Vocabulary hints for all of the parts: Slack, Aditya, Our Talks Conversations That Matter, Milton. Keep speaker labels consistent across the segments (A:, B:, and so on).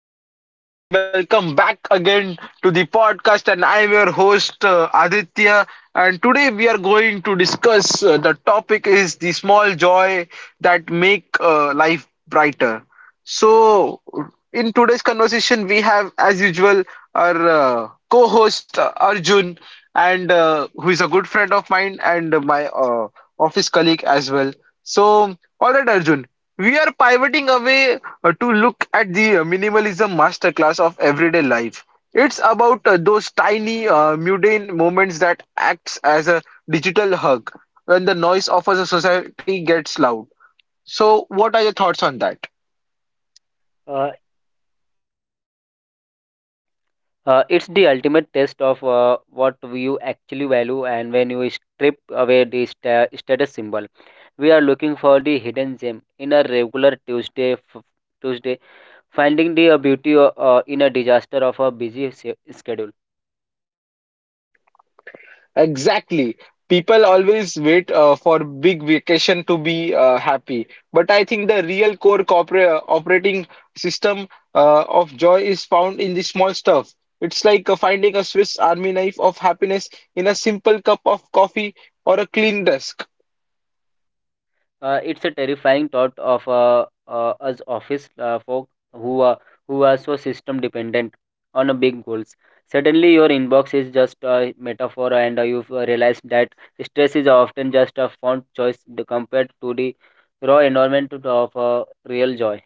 A: hello everyone, and welcome back again to the podcast. And I am your host Aditya. And today we are going to discuss the topic is the small joy that make life brighter. So, in today's conversation, we have, as usual, our co-host Arjun, and who is a good friend of mine and my office colleague as well. So, all right, Arjun, we are pivoting away to look at the minimalism masterclass of everyday life. It's about those tiny, mundane moments that acts as a digital hug when the noise of a society gets loud. So, what are your thoughts on that?
B: uh, it's the ultimate test of what you actually value, and when you strip away the status symbol, we are looking for the hidden gem in a regular Tuesday. Finding the beauty in a disaster of a busy schedule.
A: Exactly. People always wait for big vacation to be happy. But I think the real core corporate operating system of joy is found in the small stuff. It's like finding a Swiss army knife of happiness in a simple cup of coffee or a clean desk.
B: It's a terrifying thought of us office folk who are who are so system dependent on a big goals. Suddenly, your inbox is just a metaphor, and you've realized that stress is often just a font choice compared to the raw environment of real joy.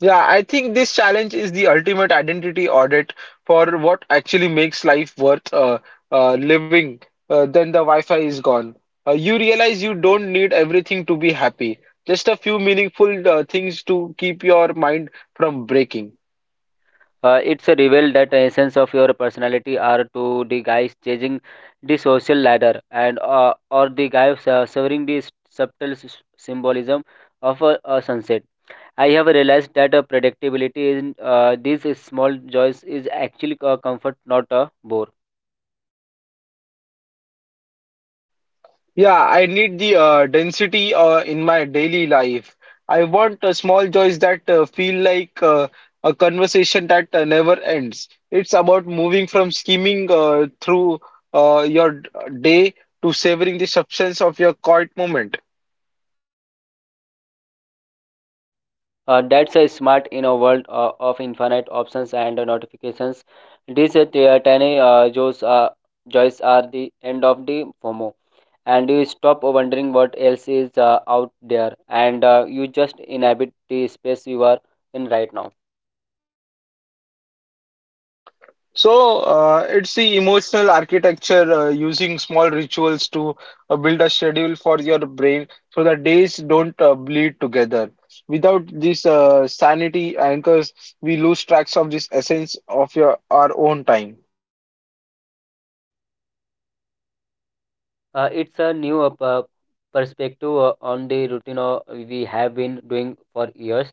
A: Yeah, I think this challenge is the ultimate identity audit for what actually makes life worth living. Then the Wi-Fi is gone. You realize you don't need everything to be happy. Just a few meaningful things to keep your mind from breaking.
B: It's a reveal that the essence of your personality are to the guys chasing the social ladder, and or the guy severing the subtle symbolism of a sunset. I have realized that predictability in these small joys is actually a comfort, not a bore.
A: Yeah, I need the density in my daily life. I want small joys that feel like a conversation that never ends. It's about moving from scheming through uh, your d- day to savoring the substance of your quiet moment.
B: That's a smart in a world of infinite options and notifications. These tiny joys are the end of the FOMO, and you stop wondering what else is out there, and you just inhabit the space you are in right now.
A: So, it's the emotional architecture using small rituals to build a schedule for your brain so that days don't bleed together. Without these sanity anchors, we lose tracks of this essence of your our own time.
B: It's a new perspective on the routine we have been doing for years.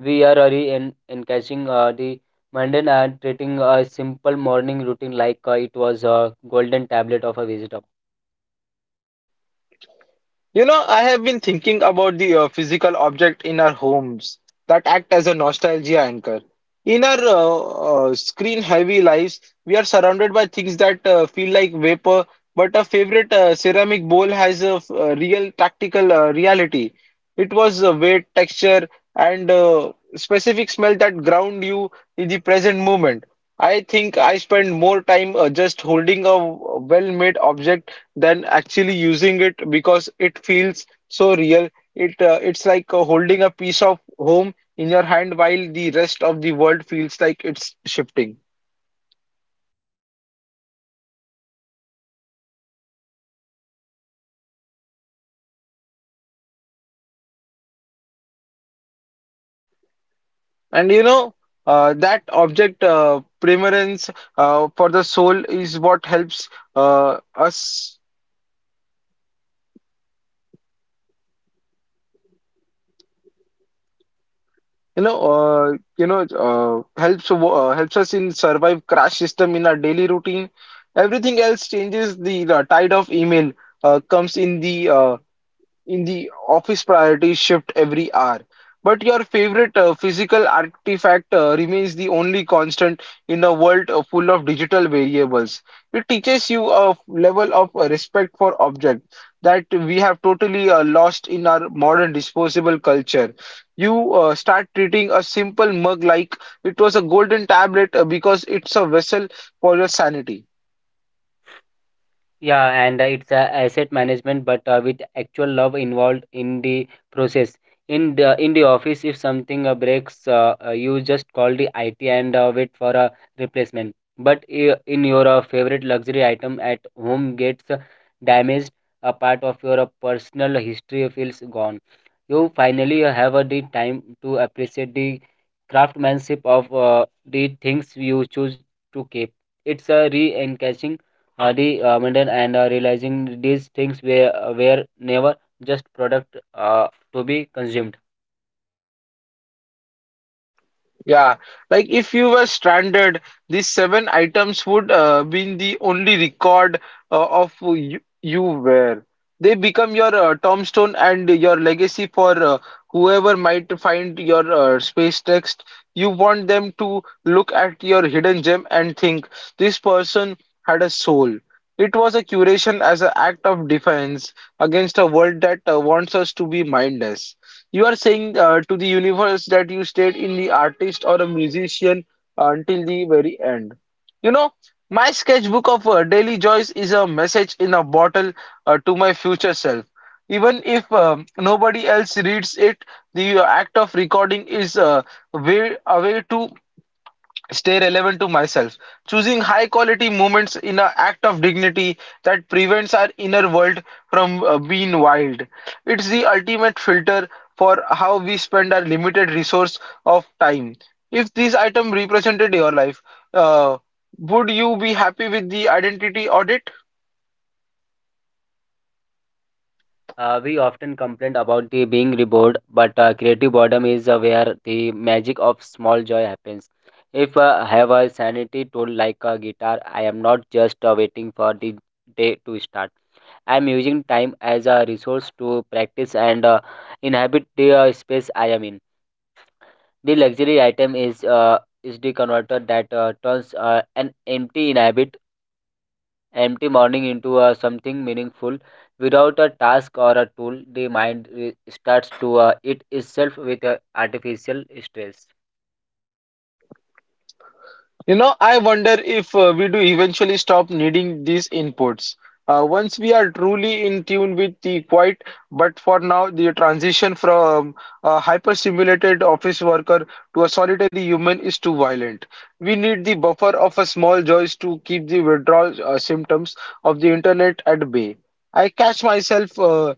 B: We are already encouraging the mundane and treating a simple morning routine like it was a golden tablet of a wisdom.
A: You know, I have been thinking about the physical object in our homes that act as a nostalgia anchor. In our screen-heavy lives, we are surrounded by things that feel like vapor, but a favorite ceramic bowl has a real tactical reality. It was a weight, texture, and specific smell that ground you in the present moment. I think I spend more time just holding a well-made object than actually using it because it feels so real. It's like holding a piece of home in your hand while the rest of the world feels like it's shifting. And you know that object preference for the soul is what helps us. You know, uh, helps helps us in survive crash system in our daily routine. Everything else changes. The tide of email comes in the in the office priorities shift every hour, but your favorite physical artifact remains the only constant in a world full of digital variables. It teaches you a level of respect for objects that we have totally lost in our modern disposable culture. You start treating a simple mug like it was a golden tablet because it's a vessel for your sanity.
B: Yeah, and it's a asset management, but with actual love involved in the process. In the office, if something breaks, you just call the IT and wait for a replacement. But in your favorite luxury item at home gets damaged, a part of your personal history feels gone. You finally have the time to appreciate the craftsmanship of the things you choose to keep. It's a re Hadi Mendel and realizing these things were never just product to be consumed.
A: Yeah, like if you were stranded, these seven items would be the only record of who you were. They become your tombstone and your legacy for whoever might find your space text. You want them to look at your hidden gem and think this person had a soul. It was a curation as an act of defiance against a world that wants us to be mindless. You are saying to the universe that you stayed in the artist or a musician until the very end. You know, my sketchbook of daily joys is a message in a bottle to my future self. Even if nobody else reads it, the act of recording is a way to stay relevant to myself, choosing high quality moments in an act of dignity that prevents our inner world from being wild. It's the ultimate filter for how we spend our limited resource of time. If this item represented your life, uh, would you be happy with the identity audit?
B: We often complain about the being bored, but creative boredom is where the magic of small joy happens. If I have a sanity tool like a guitar, I am not just waiting for the day to start. I am using time as a resource to practice and inhabit the space I am in. The luxury item is the converter that turns an empty morning into something meaningful. Without a task or a tool, the mind starts to eat itself with artificial stress.
A: You know, I wonder if we do eventually stop needing these inputs. Once we are truly in tune with the quiet, but for now, the transition from a hyper-simulated office worker to a solitary human is too violent. We need the buffer of a small joys to keep the withdrawal symptoms of the internet at bay. I catch myself uh,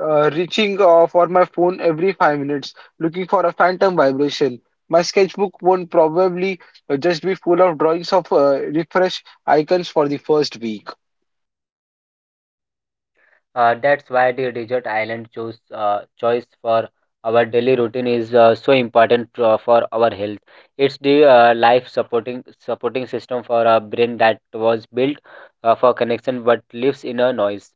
A: uh, reaching for my phone every 5 minutes, looking for a phantom vibration. My sketchbook won't probably just be full of drawings of refresh icons for the first week.
B: That's why the desert island choice for our daily routine is so important for our health. It's the life supporting system for our brain that was built for connection but lives in a noise.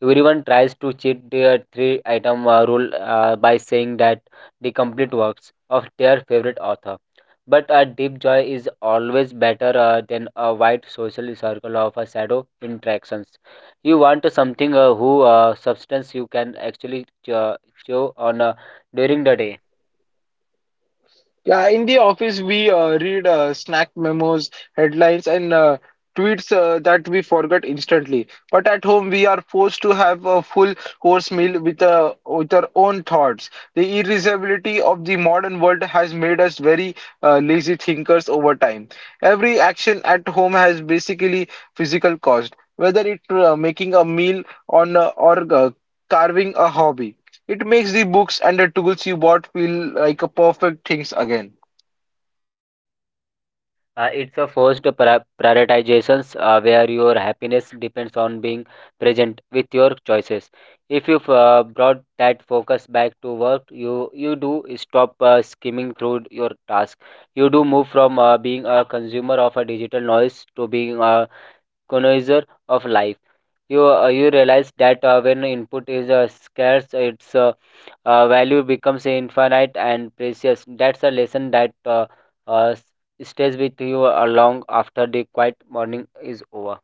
B: Everyone tries to cheat their three item rule by saying that the complete works of their favorite author. But a deep joy is always better than a wide social circle of a shadow interactions. You want something who substance you can actually chew on during the day.
A: Yeah, in the office, we read snack memos, headlines, and tweets that we forget instantly. But at home, we are forced to have a full course meal with our own thoughts. The irreversibility of the modern world has made us very lazy thinkers over time. Every action at home has basically physical cost, whether it's making a meal on, or carving a hobby. It makes the books and the tools you bought feel like a perfect things again.
B: It's a forced prioritizations where your happiness depends on being present with your choices. If you brought that focus back to work, you do stop skimming through your task. You do move from being a consumer of a digital noise to being a economizer of life. You realize that when input is scarce, its value becomes infinite and precious. That's a lesson that uh, s- stays with you long after the quiet morning is over.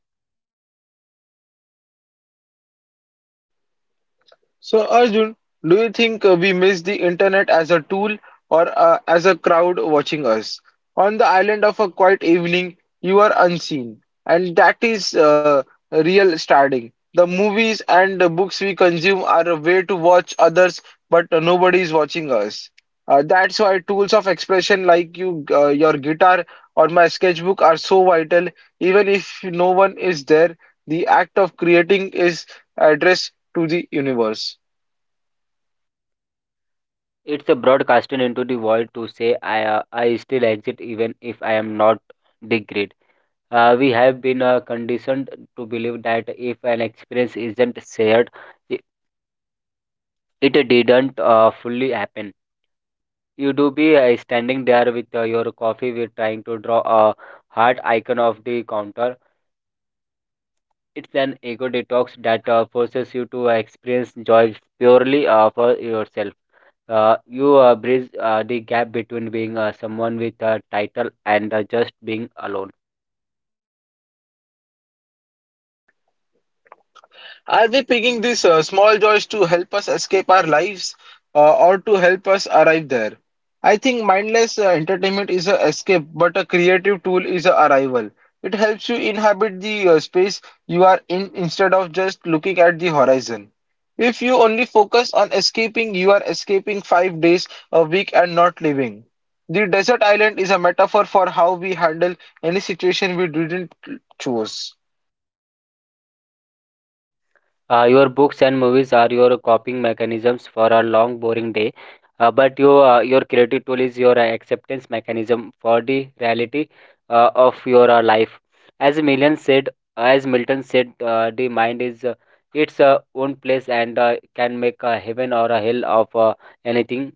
A: So, Arjun, do you think we miss the internet as a tool or as a crowd watching us? On the island of a quiet evening, you are unseen, and that is real starting. The movies and the books we consume are a way to watch others, but nobody is watching us. That's why tools of expression like your guitar or my sketchbook are so vital. Even if no one is there, the act of creating is addressed to the universe.
B: It's a broadcasting into the void to say I still exist, even if I am not the grid. We have been conditioned to believe that if an experience isn't shared, i- it didn't fully happen. You do be standing there with your coffee, we are trying to draw a heart icon of the counter. It's an ego detox that forces you to experience joy purely for yourself. You bridge the gap between being someone with a title and just being alone.
A: Are they picking these small joys to help us escape our lives or to help us arrive there? I think mindless entertainment is a escape, but a creative tool is a arrival. It helps you inhabit the space you are in instead of just looking at the horizon. If you only focus on escaping, you are escaping 5 days a week and not living. The desert island is a metaphor for how we handle any situation we didn't choose.
B: Your books and movies are your coping mechanisms for a long, boring day. But your creative tool is your acceptance mechanism for the reality of your life. As Milton said, as Milton said, the mind is its own place, and can make a heaven or a hell of anything.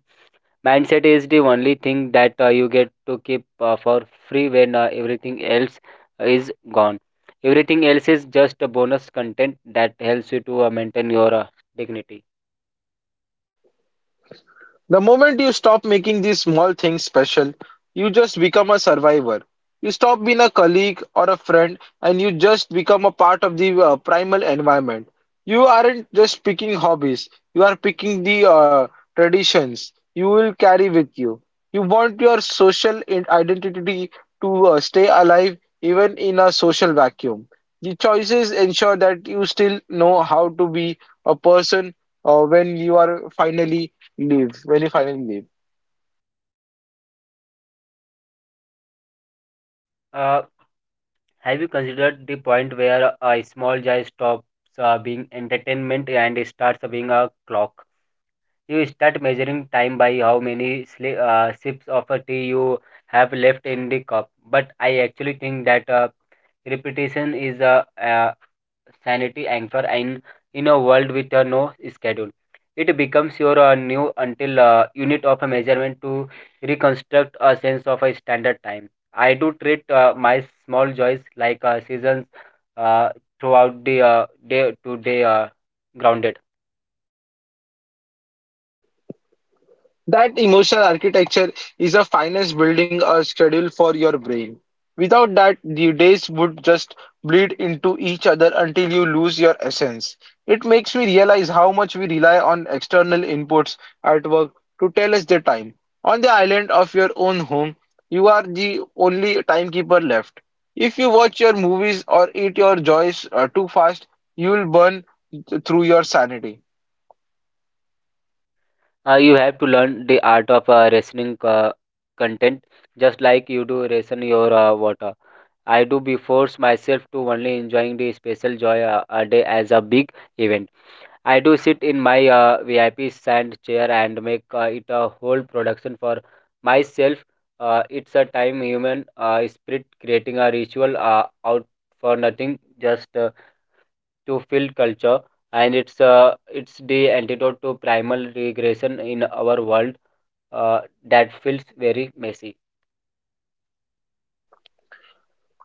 B: Mindset is the only thing that you get to keep for free when everything else is gone. Everything else is just a bonus content that helps you to maintain your dignity.
A: The moment you stop making these small things special, you just become a survivor. You stop being a colleague or a friend and you just become a part of the primal environment. You aren't just picking hobbies, you are picking the traditions you will carry with you. You want your identity to stay alive even in a social vacuum. The choices ensure that you still know how to be a person when you are finally Leave, very final leave.
B: uh, have you considered the point where a small joy stops being entertainment and it starts being a clock? You start measuring time by how many sips of a tea you have left in the cup. But I actually think that repetition is a sanity anchor in a world with a no schedule. It becomes your new until unit of a measurement to reconstruct a sense of a standard time. I do treat my small joys like seasons uh, throughout the day to day grounded.
A: That emotional architecture is the finest building a schedule for your brain. Without that, the days would just bleed into each other until you lose your essence. It makes me realize how much we rely on external inputs at work to tell us the time. On the island of your own home, you are the only timekeeper left. If you watch your movies or eat your joys too fast, you will burn through your sanity.
B: You have to learn the art of rationing content, just like you do ration your water. I do be force myself to only enjoying the special joy a day as a big event. I do sit in my VIP sand chair and make it a whole production for myself. It's a time human spirit creating a ritual out for nothing, just to feel culture. And it's the antidote to primal regression in our world uh, that feels very messy.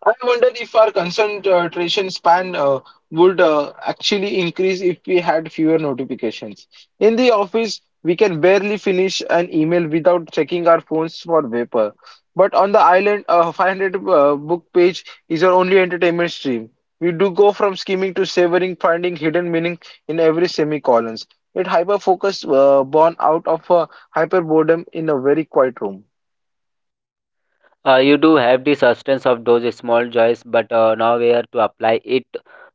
A: I wonder if our concentration span would actually increase if we had fewer notifications. In the office, we can barely finish an email without checking our phones for vapor. But on the island, a 500 book page is our only entertainment stream. We do go from skimming to savoring, finding hidden meaning in every semicolons. It hyper focus born out of a hyper boredom in a very quiet room.
B: You do have the substance of those small joys, but nowhere to apply it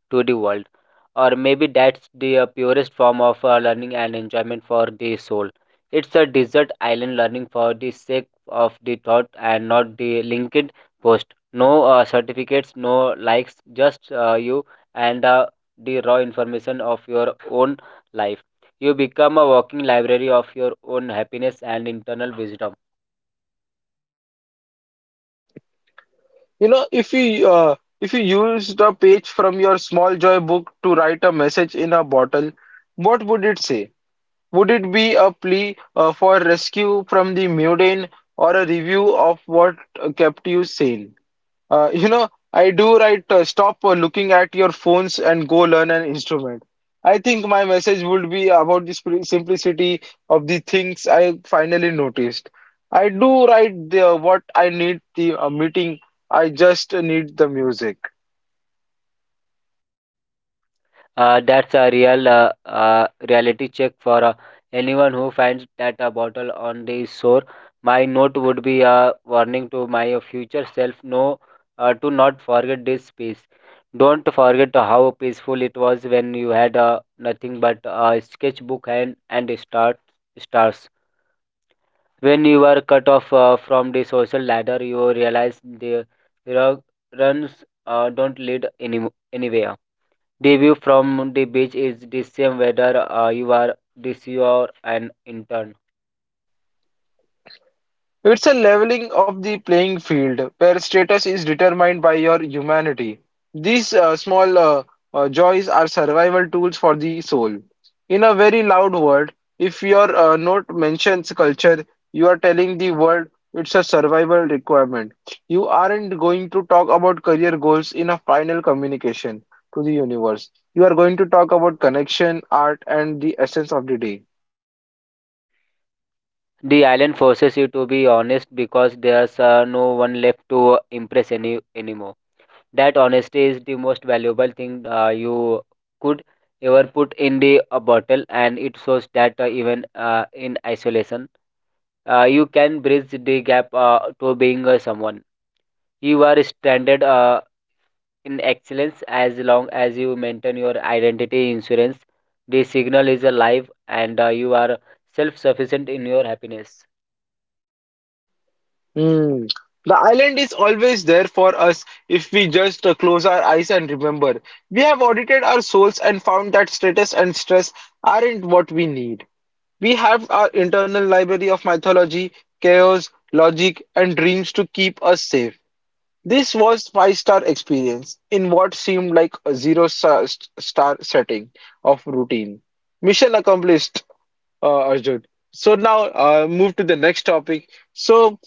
B: to the world. Or maybe that's the purest form of learning and enjoyment for the soul. It's a desert island learning for the sake of the thought and not the linked post. No certificates, no likes, just you and the raw information of your own life. You become a walking library of your own happiness and internal wisdom.
A: You know, if you used a page from your Small Joy book to write a message in a bottle, what would it say? Would it be a plea for rescue from the mundane or a review of what kept you sane? You know, I do write stop looking at your phones and go learn an instrument. I think my message would be about the simplicity of the things I finally noticed. I do write what I need the meeting, I just need the music.
B: That's a real reality check for anyone who finds that a bottle on the shore. My note would be a warning to my future self, no, to not forget this piece. Don't forget how peaceful it was when you had nothing but a sketchbook, and stars. When you were cut off from the social ladder, you realize the rug runs don't lead anywhere. The view from the beach is the same whether you are an intern.
A: It's a leveling of the playing field where status is determined by your humanity. These small joys are survival tools for the soul. In a very loud word, if your note mentions culture, you are telling the world it's a survival requirement. You aren't going to talk about career goals in a final communication to the universe. You are going to talk about connection, art, and the essence of the day.
B: The island forces you to be honest because there's no one left to impress anymore. That honesty is the most valuable thing you could ever put in the bottle, and it shows that even in isolation, you can bridge the gap to being someone. You are stranded in excellence. As long as you maintain your identity insurance, the signal is alive, and you are self sufficient in your happiness.
A: Hmm. The island is always there for us if we just close our eyes and remember. We have audited our souls and found that status and stress aren't what we need. We have our internal library of mythology, chaos, logic, and dreams to keep us safe. This was five-star experience in what seemed like a zero-star star setting of routine. Mission accomplished, Arjun. So now move to the next topic. So.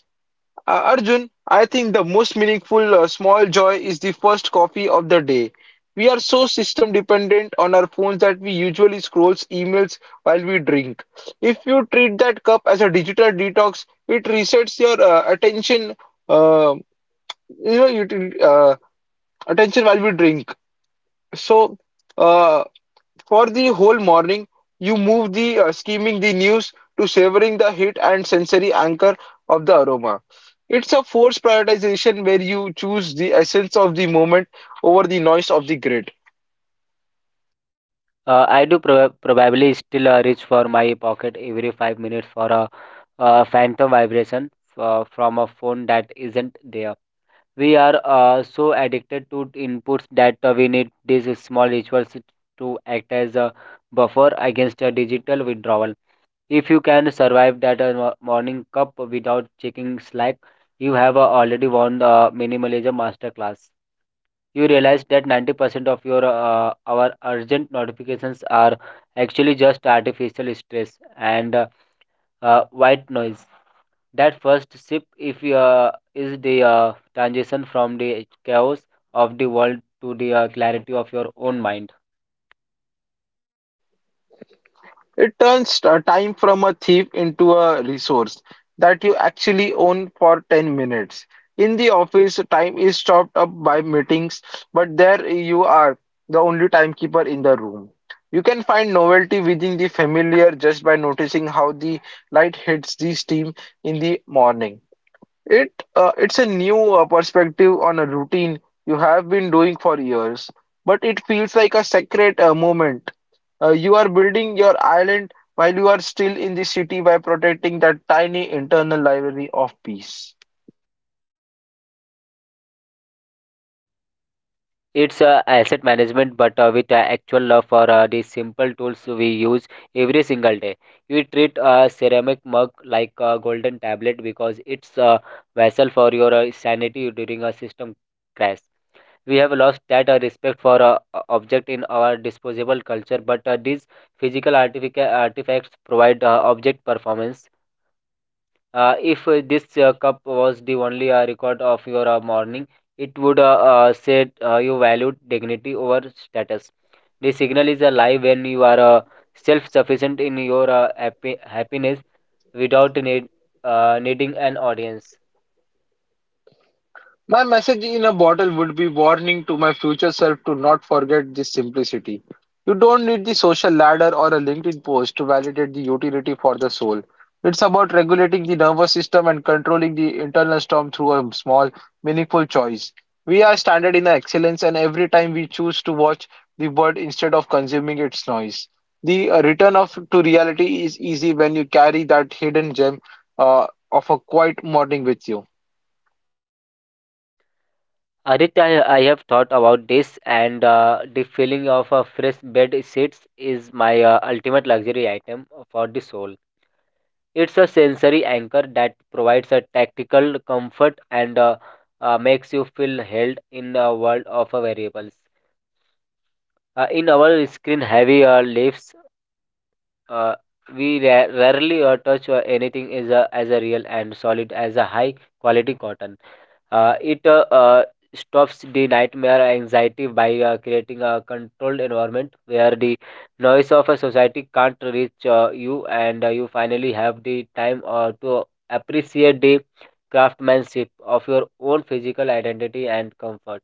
A: Arjun, I think the most meaningful small joy is the first coffee of the day. We are so system dependent on our phones that we usually scroll emails while we drink. If you treat that cup as a digital detox, it resets your attention. Uh, you know, you attention while we drink. So. Uh, for the whole morning, you move the skimming the news to savoring the heat and sensory anchor of the aroma. It's a forced prioritization where you choose the essence of the moment over the noise of the grid.
B: I do probably still reach for my pocket every 5 minutes for a phantom vibration from a phone that isn't there. We are so addicted to inputs that we need these small rituals to act as a buffer against a digital withdrawal. If you can survive that morning cup without checking Slack, you have already won the minimalism masterclass. You realize that 90% of your our urgent notifications are actually just artificial stress and white noise. That first sip, if you, is the transition from the chaos of the world to the clarity of your own mind.
A: It turns time from a thief into a resource that you actually own for 10 minutes. In the office, time is chopped up by meetings, but there you are, the only timekeeper in the room. You can find novelty within the familiar just by noticing how the light hits the steam in the morning. It it's a new perspective on a routine you have been doing for years, but it feels like a sacred moment. You are building your island while you are still in the city by protecting that tiny internal library of peace.
B: It's asset management, but with actual love for the simple tools we use every single day. You treat a ceramic mug like a golden tablet because it's a vessel for your sanity during a system crash. We have lost that respect for object in our disposable culture, but these physical artifacts provide object performance. If this cup was the only record of your morning, it would say you valued dignity over status. The signal is a lie when you are self sufficient in your happiness without needing an audience.
A: My message in a bottle would be warning to my future self to not forget this simplicity. You don't need the social ladder or a LinkedIn post to validate the utility for the soul. It's about regulating the nervous system and controlling the internal storm through a small, meaningful choice. We are standard in excellence, and every time we choose to watch the bird instead of consuming its noise, the return of to reality is easy when you carry that hidden gem uh, of a quiet morning with you.
B: Arit, I have thought about this, and the feeling of a fresh bed sheets is my ultimate luxury item for the soul. It's a sensory anchor that provides a tactical comfort and makes you feel held in a world of variables. In our screen heavy lives, uh, we rarely touch anything is a, as a real and solid as a high quality cotton. It stops the nightmare anxiety by creating a controlled environment where the noise of a society can't reach you, and you finally have the time to appreciate the craftsmanship of your own physical identity and comfort.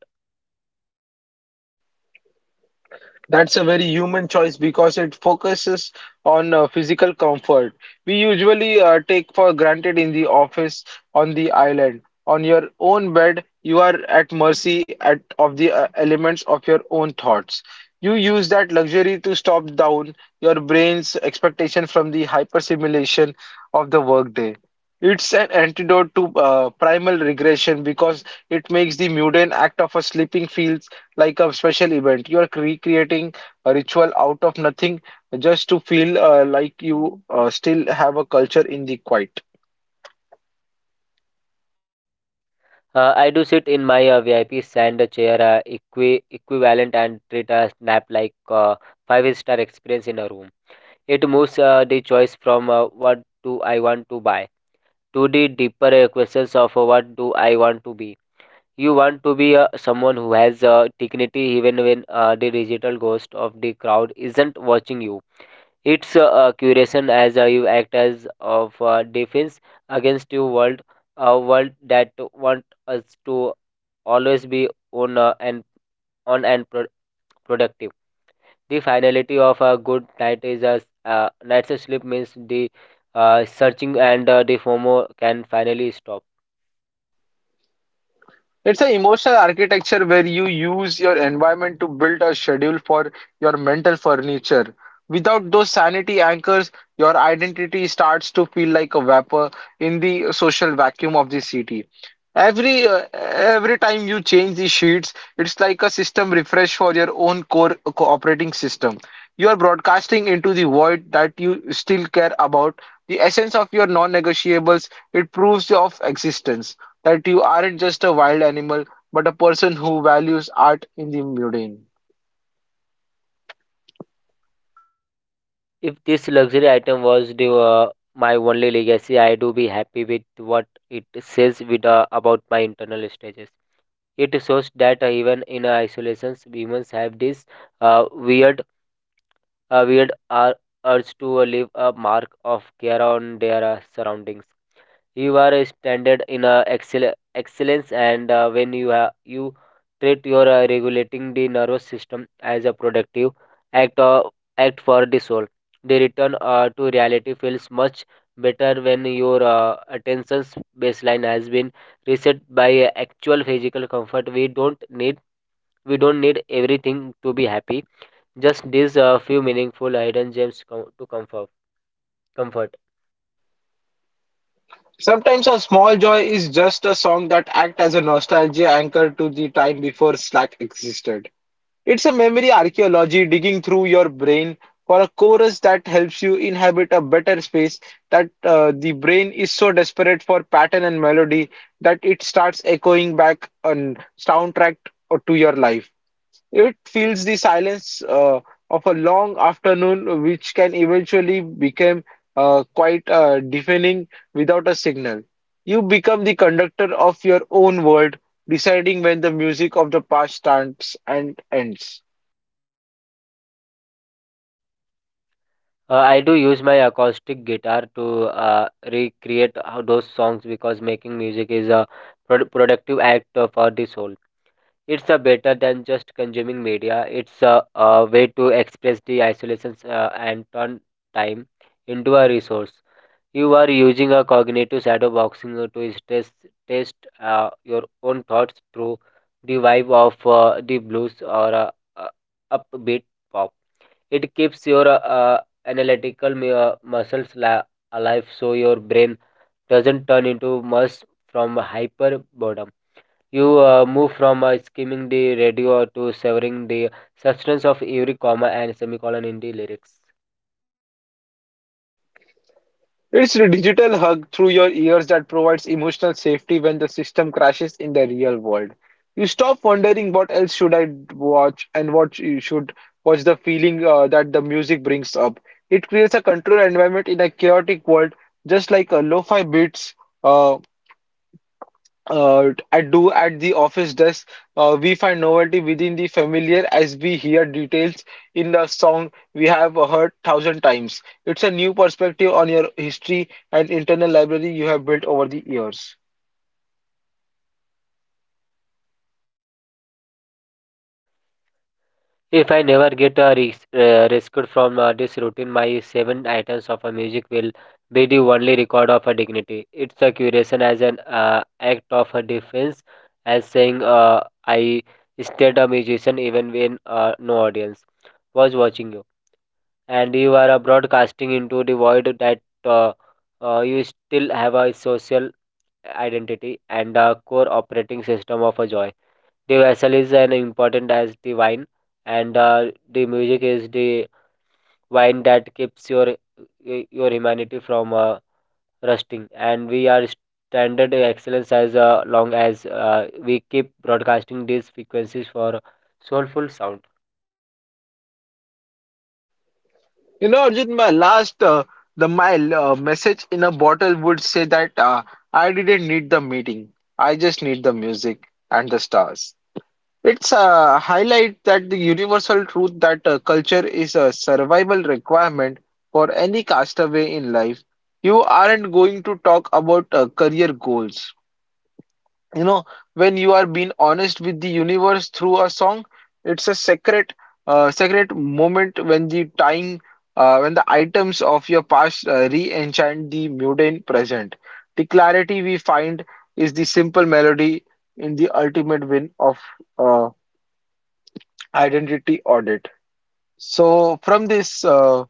A: That's a very human choice because it focuses on physical comfort. We usually take for granted in the office, on the island, on your own bed, you are at mercy at, of the elements of your own thoughts. You use that luxury to stop down your brain's expectation from the hypersimulation of the workday. It's an antidote to primal regression because it makes the mundane act of a sleeping feel like a special event. You are recreating a ritual out of nothing just to feel like you still have a culture in the quiet.
B: I do sit in my VIP sand chair equivalent and treat a nap like five-star experience in a room. It moves the choice from what do I want to buy to the deeper questions of what do I want to be. You want to be someone who has dignity even when the digital ghost of the crowd isn't watching you. Its curation as you act as of defense against your world, a world that want us to always be on and on and productive. The finality of a good night is a night's sleep means the searching and the FOMO can finally stop.
A: It's an emotional architecture where you use your environment to build a schedule for your mental furniture. Without those sanity anchors, your identity starts to feel like a vapor in the social vacuum of the city. Every time you change the sheets, it's like a system refresh for your own operating system. You are broadcasting into the void that you still care about the essence of your non-negotiables. It proves of existence that you aren't just a wild animal, but a person who values art in the mundane.
B: If this luxury item was the, my only legacy, I do be happy with what it says with, about my internal stages. It shows that even in isolations, humans have this uh, weird weird are urge to leave a mark of care on their surroundings. You are a standard in excellence, and when you you treat your regulating the nervous system as a productive act uh, act for the soul, the return to reality feels much better when your attention's baseline has been reset by actual physical comfort. We don't need everything to be happy, just these few meaningful hidden gems to comfort.
A: Sometimes a small joy is just a song that acts as a nostalgia anchor to the time before Slack existed. It's a memory archaeology digging through your brain for a chorus that helps you inhabit a better space that the brain is so desperate for pattern and melody that it starts echoing back a soundtrack to your life. It feels the silence of a long afternoon, which can eventually become quite deafening without a signal. You become the conductor of your own world, deciding when the music of the past starts and ends.
B: I do use my acoustic guitar to recreate those songs because making music is a productive act for the soul. It's better than just consuming media. It's a way to express the isolations and turn time into a resource. You are using a cognitive shadow boxing to test your own thoughts through the vibe of the blues or uh, upbeat pop. It keeps your analytical muscles alive so your brain doesn't turn into mush from hyper boredom. You move from skimming the radio to severing the substance of every comma and semicolon in the lyrics.
A: It's a digital hug through your ears that provides emotional safety when the system crashes in the real world. You stop wondering what else should I watch and what you should watch the feeling that the music brings up. It creates a controlled environment in a chaotic world, just like a lo-fi beats. Uh, I do at the office desk. We find novelty within the familiar as we hear details in the song we have heard thousand times. It's a new perspective on your history and internal library you have built over the years.
B: If I never get rescued from this routine, my seven items of a music will be the only record of a dignity. It's a curation as an act of a defense, as saying I stayed a musician even when no audience was watching you, and you are broadcasting into the void that you still have a social identity and a core operating system of a joy. The vessel is an important as the wine, and the music is the wine that keeps your humanity from rusting. And we are standard excellence as long as we keep broadcasting these frequencies for soulful sound.
A: You know, Arjun, my last the my message in a bottle would say that I didn't need the meeting. I just need the music and the stars. It's a highlight that the universal truth that culture is a survival requirement for any castaway in life. You aren't going to talk about career goals. You know, when you are being honest with the universe through a song, it's a sacred moment when when the items of your past re-enchant the mundane present. The clarity we find is the simple melody in the ultimate win of. uh, Identity audit. So from this,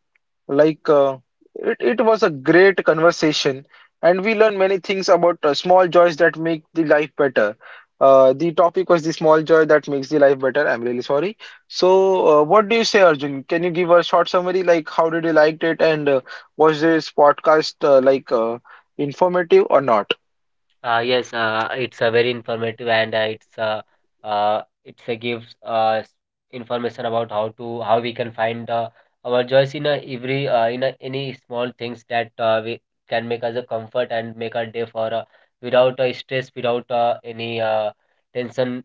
A: like uh, it was a great conversation, and we learned many things about small joys that make the life better. The topic was the small joy that makes the life better. I'm really sorry. So, what do you say, Arjun? Can you give a short summary? Like, how did you liked it, and was this podcast informative or not?
B: Yes, it's a very informative, and it's a gives information about how we can find our joys in a every in a, any small things that we can make us a comfort and make our day for without stress, without any tension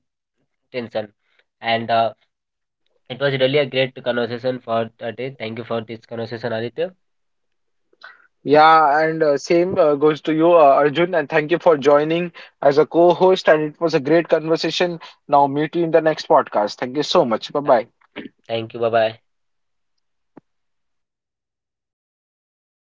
B: tension. And it was really a great conversation for today. Thank you for this conversation, Aditya.
A: Yeah, and same goes to you, Arjun, and thank you for joining as a co-host. And it was a great conversation. Now, meet you in the next podcast. Thank you so much. Bye
B: Yeah,
A: bye.
B: thank you. Bye bye.